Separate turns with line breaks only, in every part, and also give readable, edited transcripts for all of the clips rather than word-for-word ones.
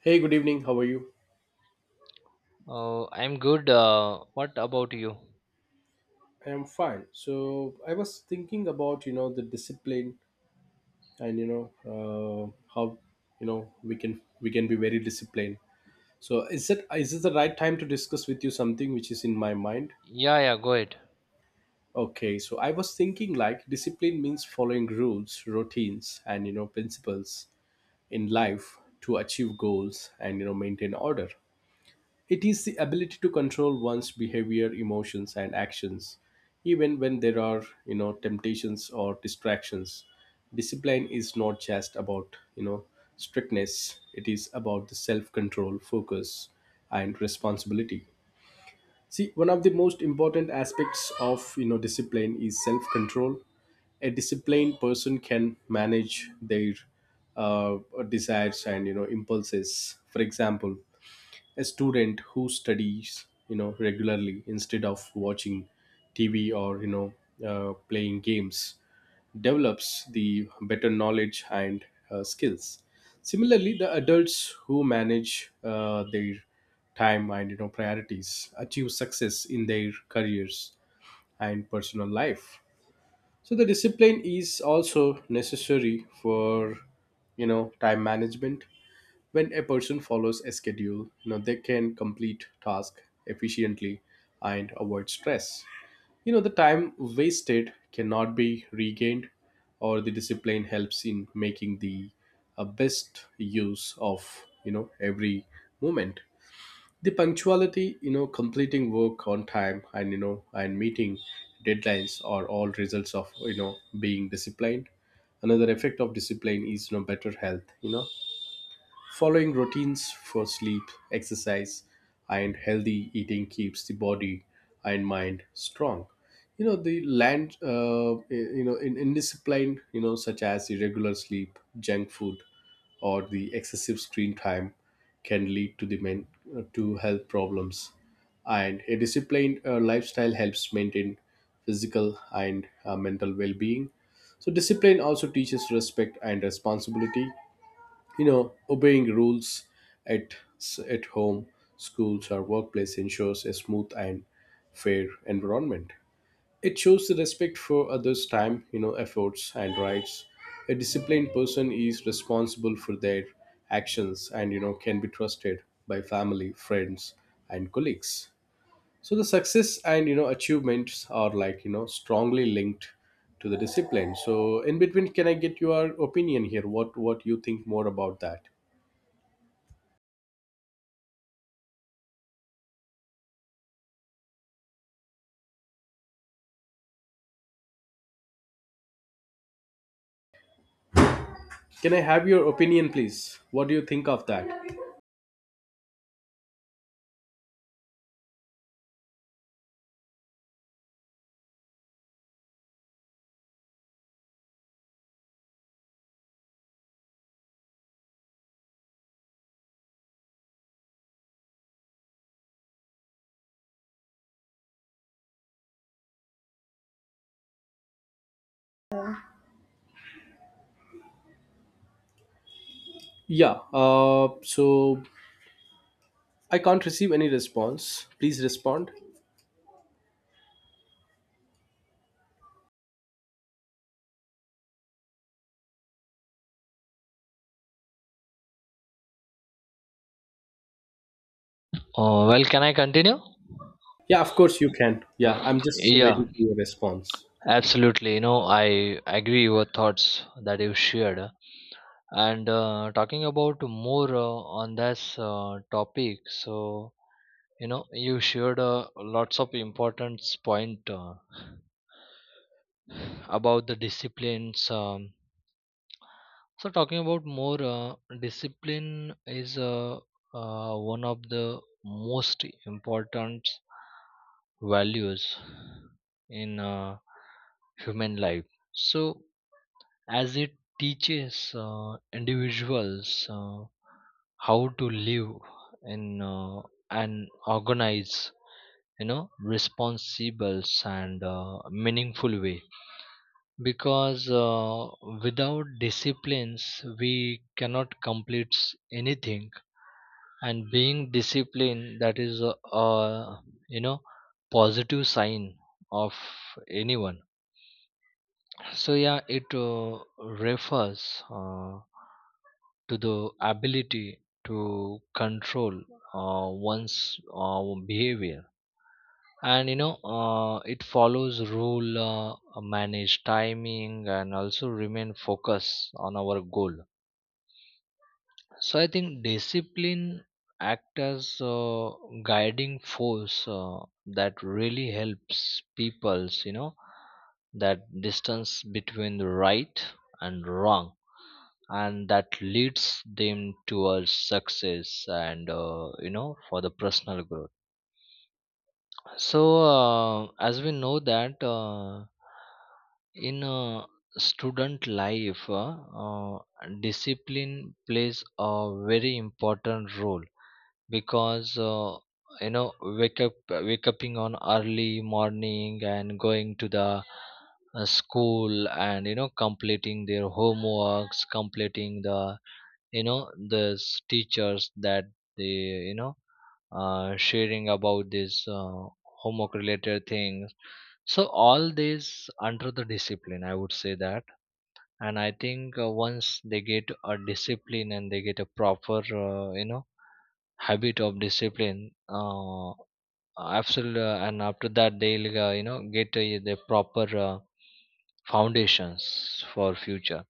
Hey, good evening. How are you?
Oh, I'm good. What about you?
I am fine. So I was thinking about the discipline and uh, how we can be very disciplined. So is this the right time to discuss with you something which is in my mind?
Yeah, yeah, go ahead.
Okay, so I was thinking like discipline means following rules, routines, and principles in life to achieve goals and maintain order. It is the ability to control one's behavior, emotions, and actions, even when there are, temptations or distractions. Discipline is not just about, strictness. It is about the self-control, focus, and responsibility. See, one of the most important aspects of, discipline is self-control. A disciplined person can manage their uh, desires and, impulses. For example, a student who studies regularly instead of watching tv or playing games develops the better knowledge and skills. Similarly, the adults who manage their time and priorities achieve success in their careers and personal life. So the discipline is also necessary for time management. When a person follows a schedule, they can complete tasks efficiently and avoid stress. You know the time wasted cannot be regained, or the discipline helps in making the best use of every moment. The punctuality, completing work on time, and you know and meeting deadlines are all results of being disciplined. Another effect of discipline is better health. Following routines for sleep, exercise, and healthy eating keeps the body and mind strong. You know, the land, you know, in indiscipline, such as irregular sleep, junk food, or the excessive screen time can lead to health problems, and a disciplined lifestyle helps maintain physical and mental well-being. So discipline also teaches respect and responsibility. Obeying rules at at home, schools, or workplace ensures a smooth and fair environment. It shows the respect for others time, efforts, and rights. A disciplined person is responsible for their actions and can be trusted by family, friends, and colleagues. So the success and achievements are like strongly linked to the discipline. So in between, can I get your opinion here? What you think more about that? Can I have your opinion, please? What do you think of that? Yeah, so I can't receive any response. Please respond.
Oh, well, can I continue?
Yeah, of course you can. Yeah, I'm just
Yeah,
waiting for your response.
absolutely. You know, I agree your thoughts that you shared. And talking about more on this topic, so you know, you shared lots of important point about the disciplines. So talking about more discipline is one of the most important values in human life. So as it teaches individuals how to live in an organized, you know, responsible and meaningful way, because without disciplines we cannot complete anything, and being disciplined, that is a you know positive sign of anyone. So yeah, it refers to the ability to control one's behavior, and you know it follows rule, manage timing and also remain focused on our goal. So I think discipline act as a guiding force that really helps people's, you know, that distance between right and wrong, and that leads them towards success and you know for the personal growth. So, as we know that in student life, uh, discipline plays a very important role, because you know, wake upping on early morning and going to the school, and you know completing their homeworks, completing the you know the teachers that they you know sharing about these homework related things. So all these under the discipline, I would say that. And I think once they get a discipline and they get a proper you know habit of discipline, absolutely, and after that they'll you know get the proper foundations for future.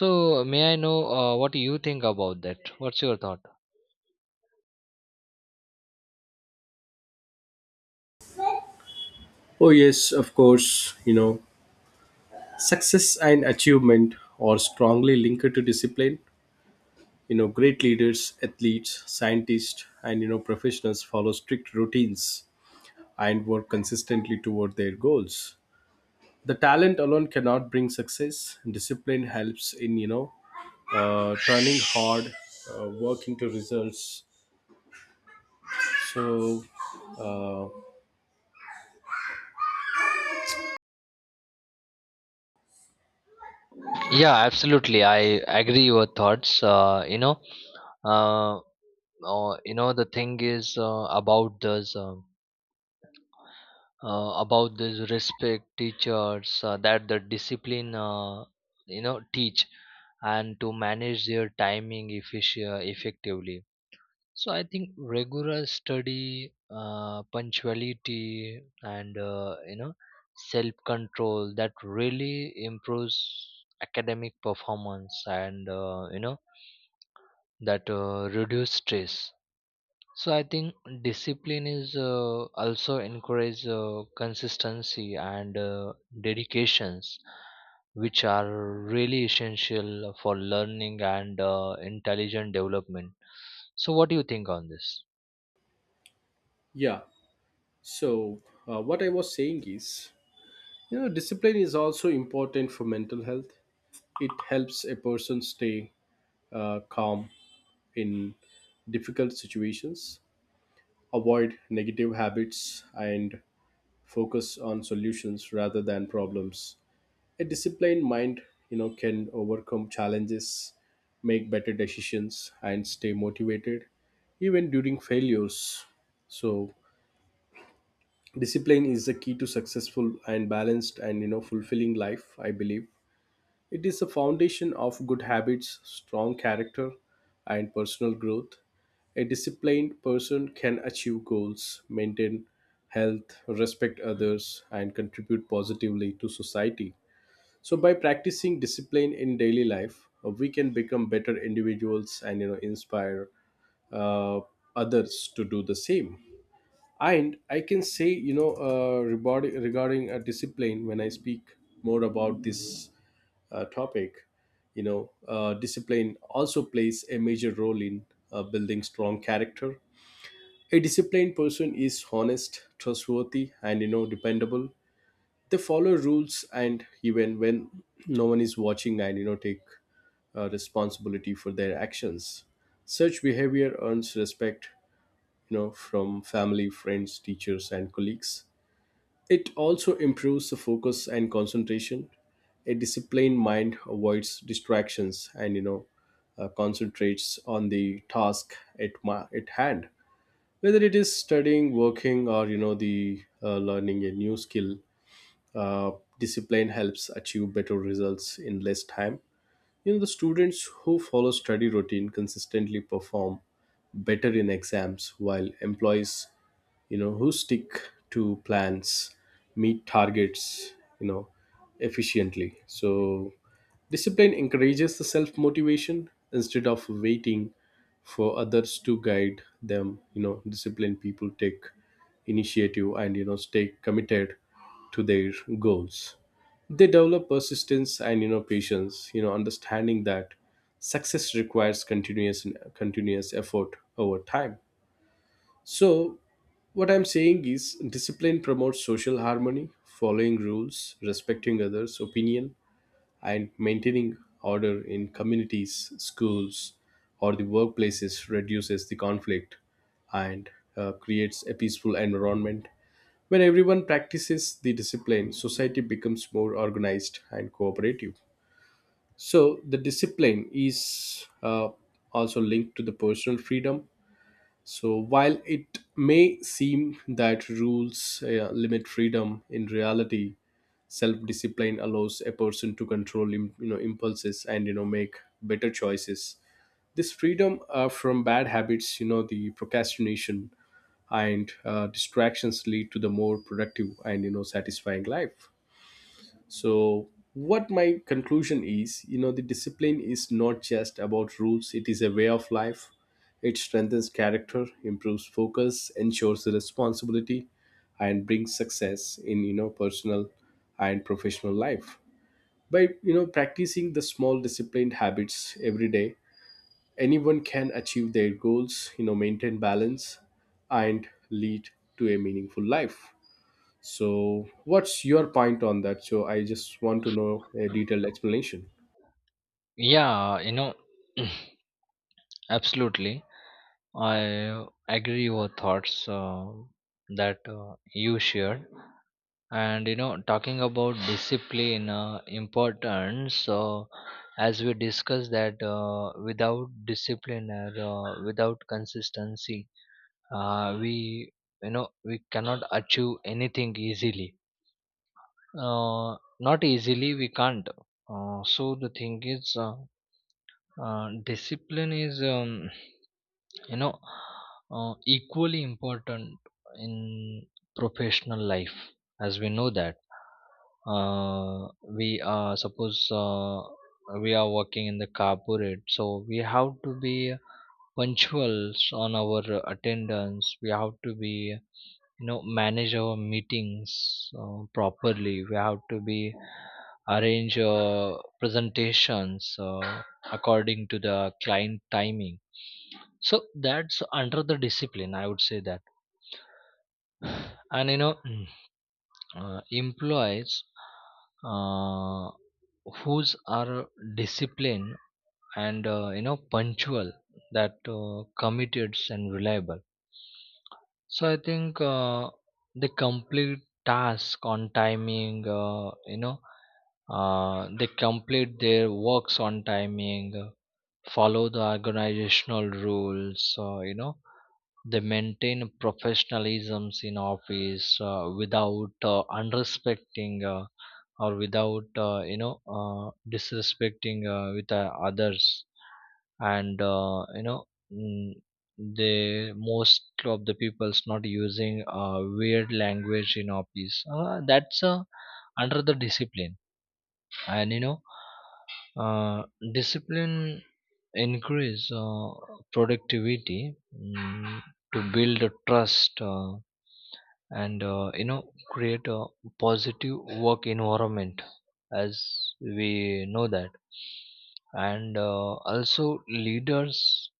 So may I know what you think about that, what's your thought?
Oh, yes, of course. Success and achievement are strongly linked to discipline. You know, great leaders, athletes, scientists, and professionals follow strict routines and work consistently toward their goals. The talent alone cannot bring success. Discipline helps in, turning hard, working to results. So, uh,
Yeah, absolutely. I agree your thoughts. You know, uh, you know the thing is about this respect teachers that the discipline you know teach and to manage their timing efficient effectively. So I think regular study, punctuality, and you know self-control that really improves academic performance, and you know that reduce stress. So I think discipline is also encourage consistency and dedications, which are really essential for learning and intelligent development. So what do you think on this?
yeah. So, what I was saying is, discipline is also important for mental health. It helps a person stay calm in difficult situations, avoid negative habits, and focus on solutions rather than problems. A disciplined mind can overcome challenges, make better decisions, and stay motivated even during failures. So discipline is the key to successful and balanced and fulfilling life, I believe. It is the foundation of good habits, strong character, and personal growth. A disciplined person can achieve goals, maintain health, respect others, and contribute positively to society. So by practicing discipline in daily life, we can become better individuals and inspire uh, others to do the same. And I can say regarding discipline, when I speak more about this topic, discipline also plays a major role in building strong character. A disciplined person is honest, trustworthy, and dependable. They follow rules and even when no one is watching, and take responsibility for their actions. Such behavior earns respect, from family, friends, teachers, and colleagues. It also improves the focus and concentration. A disciplined mind avoids distractions and concentrates on the task at hand, whether it is studying, working, or the learning a new skill. uh, Discipline helps achieve better results in less time. The students who follow study routine consistently perform better in exams, while employees, who stick to plans, meet targets, you know, efficiently. So, discipline encourages the self motivation instead of waiting for others to guide them. Disciplined people take initiative and, stay committed to their goals. They develop persistence and patience, understanding that success requires continuous effort over time. So what I'm saying is discipline promotes social harmony. Following rules, respecting others opinion, and maintaining order in communities, schools, or the workplaces reduces the conflict and creates a peaceful environment. When everyone practices the discipline, society becomes more organized and cooperative. So, the discipline is also linked to the personal freedom. So, while it may seem that rules limit freedom, in reality, self-discipline allows a person to control, impulses and make better choices. This freedom from bad habits, the procrastination and distractions lead to the more productive and satisfying life. So, what my conclusion is, the discipline is not just about rules, it is a way of life. It strengthens character, improves focus, ensures the responsibility, and brings success in, personal and professional life. By, practicing the small disciplined habits every day, anyone can achieve their goals, maintain balance, and lead to a meaningful life. So, what's your point on that? So, I just want to know a detailed explanation.
Yeah, you know, absolutely. I agree your thoughts that you shared, and you know, talking about discipline importance. As we discussed that without discipline or without consistency, we you know we cannot achieve anything easily. Not easily, we can't. So the thing is, discipline is. You know, equally important in professional life. As we know that uh, we are suppose we are working in the corporate, so we have to be punctuals on our attendance, we have to be, you know, manage our meetings properly, we have to be arrange presentations according to the client timing. So that's under the discipline, I would say that. And you know, employees uh, whose are disciplined and you know punctual, that committed and reliable. So I think they complete task on timing. You know, they complete their works on timing, follow the organizational rules. You know, they maintain professionalism in office without unrespecting or without you know disrespecting with others, and you know mm, they most of the people's not using weird language in office, that's under the discipline. And you know uh, discipline increase productivity, to build a trust, and you know create a positive work environment, as we know that. And also leaders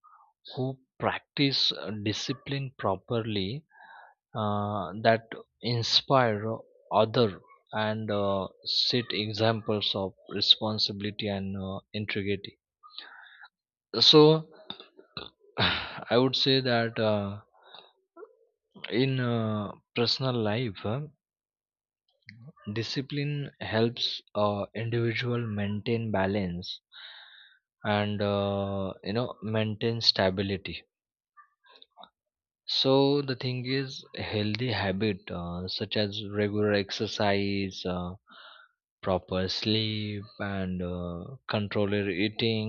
who practice discipline properly, that inspire other and set examples of responsibility and integrity. So I would say that in personal life, discipline helps individual maintain balance and you know maintain stability. So the thing is healthy habit such as regular exercise, proper sleep and controller eating,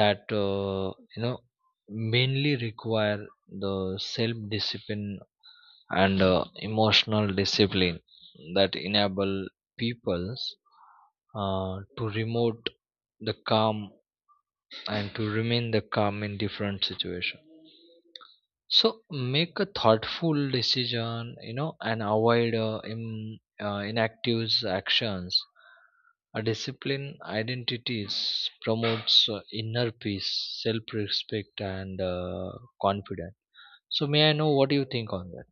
that you know mainly require the self discipline and emotional discipline, that enable peoples to remote the calm and to remain the calm in different situation. So make a thoughtful decision, you know, and avoid inactive actions. A disciplined identities promotes inner peace, self respect and confidence. So may I know what do you think on that?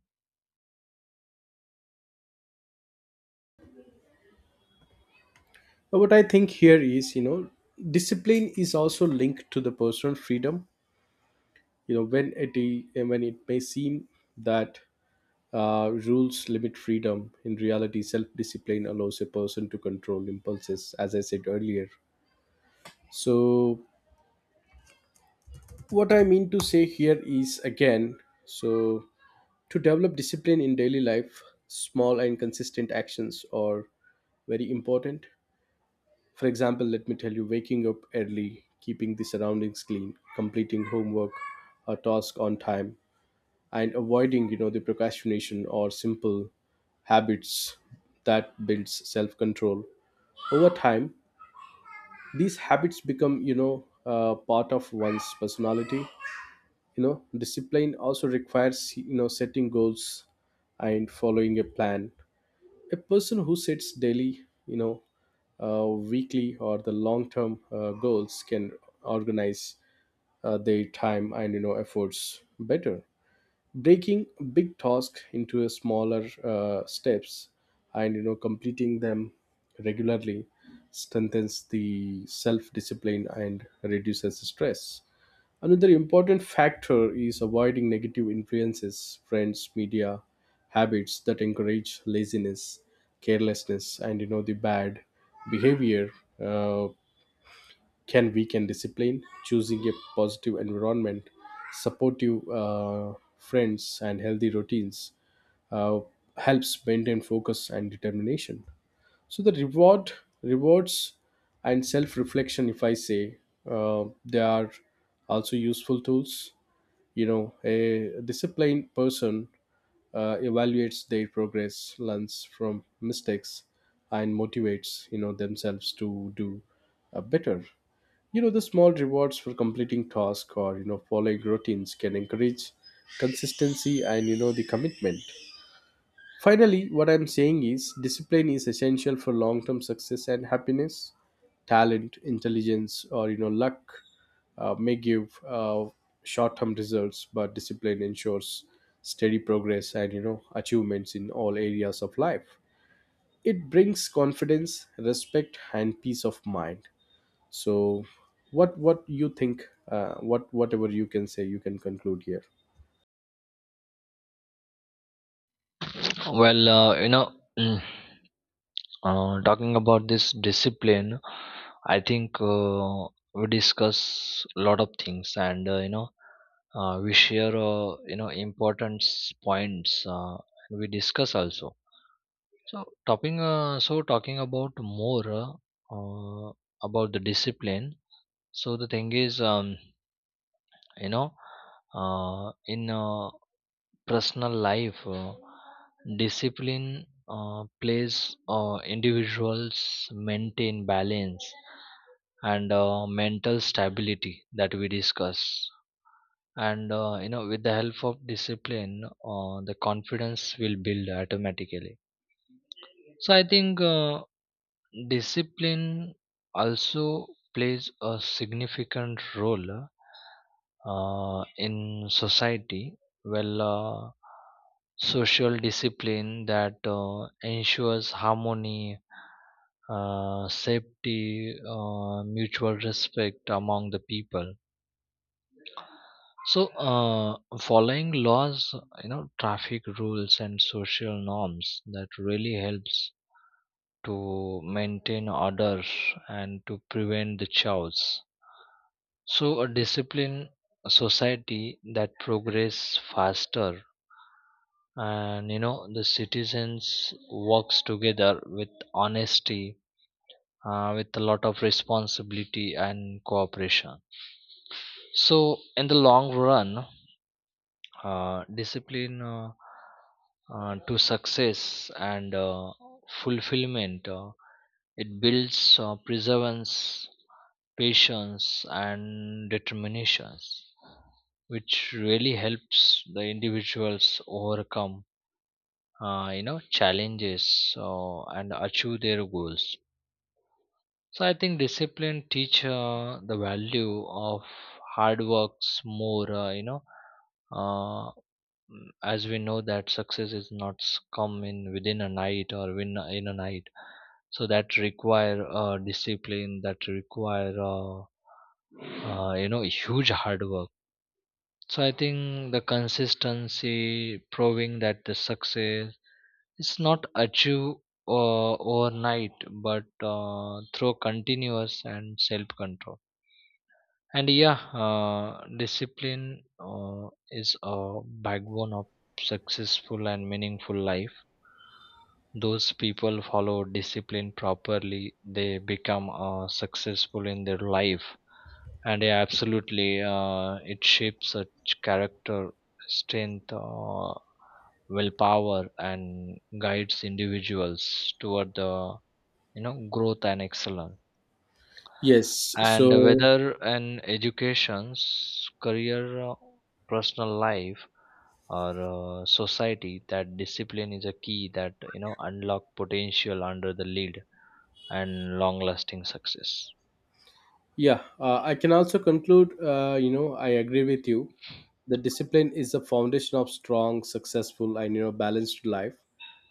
What I think here is, discipline is also linked to the personal freedom. When it may seem that rules limit freedom, in reality, self-discipline allows a person to control impulses, as I said earlier. So, what I mean to say here is again, so to develop discipline in daily life, small and consistent actions are very important. For example, let me tell you, waking up early, keeping the surroundings clean, completing homework or task on time, and avoiding, the procrastination or simple habits that builds self-control. Over time, these habits become, part of one's personality. Discipline also requires, setting goals and following a plan. A person who sets daily, you know weekly, or the long term goals can organize their time and efforts better. Breaking big tasks into a smaller steps and completing them regularly strengthens the self discipline and reduces stress. Another important factor is avoiding negative influences. Friends, media, habits that encourage laziness, carelessness, and the bad behavior uh, can weaken discipline. Choosing a positive environment, supportive friends, and healthy routines uh, helps maintain focus and determination. So the reward, rewards, and self-reflection, if I say, they are also useful tools. A disciplined person evaluates their progress, learns from mistakes, and motivates themselves to do better. The small rewards for completing tasks or following routines can encourage consistency and the commitment. Finally, what I'm saying is discipline is essential for long-term success and happiness. Talent, intelligence, or luck may give short-term results, but discipline ensures steady progress and achievements in all areas of life. It brings confidence, respect, and peace of mind. So, what you think? What whatever you can say, you can conclude here.
Well, you know, talking about this discipline, I think we discuss a lot of things, and you know, we share you know important points, and we discuss also. So talking about more uh, about the discipline. So the thing is, you know, in personal life, discipline plays individuals maintain balance and mental stability, that we discuss. And you know, with the help of discipline, the confidence will build automatically. So I think discipline also plays a significant role in society. Well, social discipline that ensures harmony, safety, mutual respect among the people. So, following laws, you know, traffic rules and social norms, that really helps to maintain order and to prevent the chaos. So, a disciplined society that progress faster, and you know the citizens works together with honesty, with a lot of responsibility and cooperation. So in the long run, discipline to success and fulfillment, it builds perseverance, patience and determinations, which really helps the individuals overcome you know challenges, and achieve their goals. So I think discipline teach the value of hard works more, you know uh, as we know that success is not come in within a night or win in a night. So that require discipline, that require you know huge hard work. So I think the consistency proving that the success is not achieved overnight, but through continuous and self control. And yeah, discipline uh, is a backbone of successful and meaningful life. Those people follow discipline properly, they become successful in their life. And yeah, absolutely. It shapes a character, strength, willpower, and guides individuals toward the you know growth and excellence.
Yes.
And
So,
whether an education's career, personal life, or society, that discipline is a key that you know unlock potential under the lead and long-lasting success.
yeah, I can also conclude, I agree with you. The discipline is the foundation of strong, successful, and, balanced life.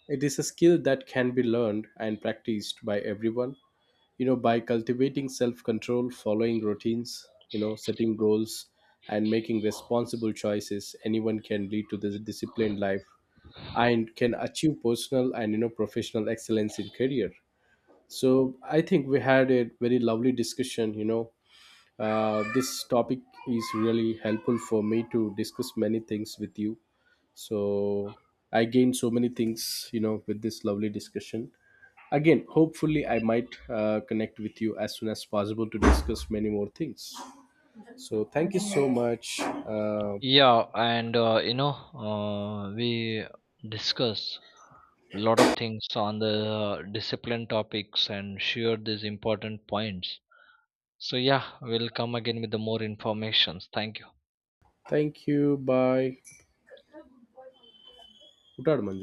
It is a skill that can be learned and practiced by everyone, by cultivating self control, following routines, setting goals, and making responsible choices. Anyone can lead to this disciplined life and can achieve personal and, professional excellence in career. So I think we had a very lovely discussion, this topic is really helpful for me to discuss many things with you. So I gained so many things, with this lovely discussion. Again, hopefully, I might connect with you as soon as possible to discuss many more things. So thank you so much.
Yeah, and you know, we discuss a lot of things on the discipline topics and share these important points. So yeah, we'll come again with the more informations. Thank you.
Thank you. Bye. Utarman.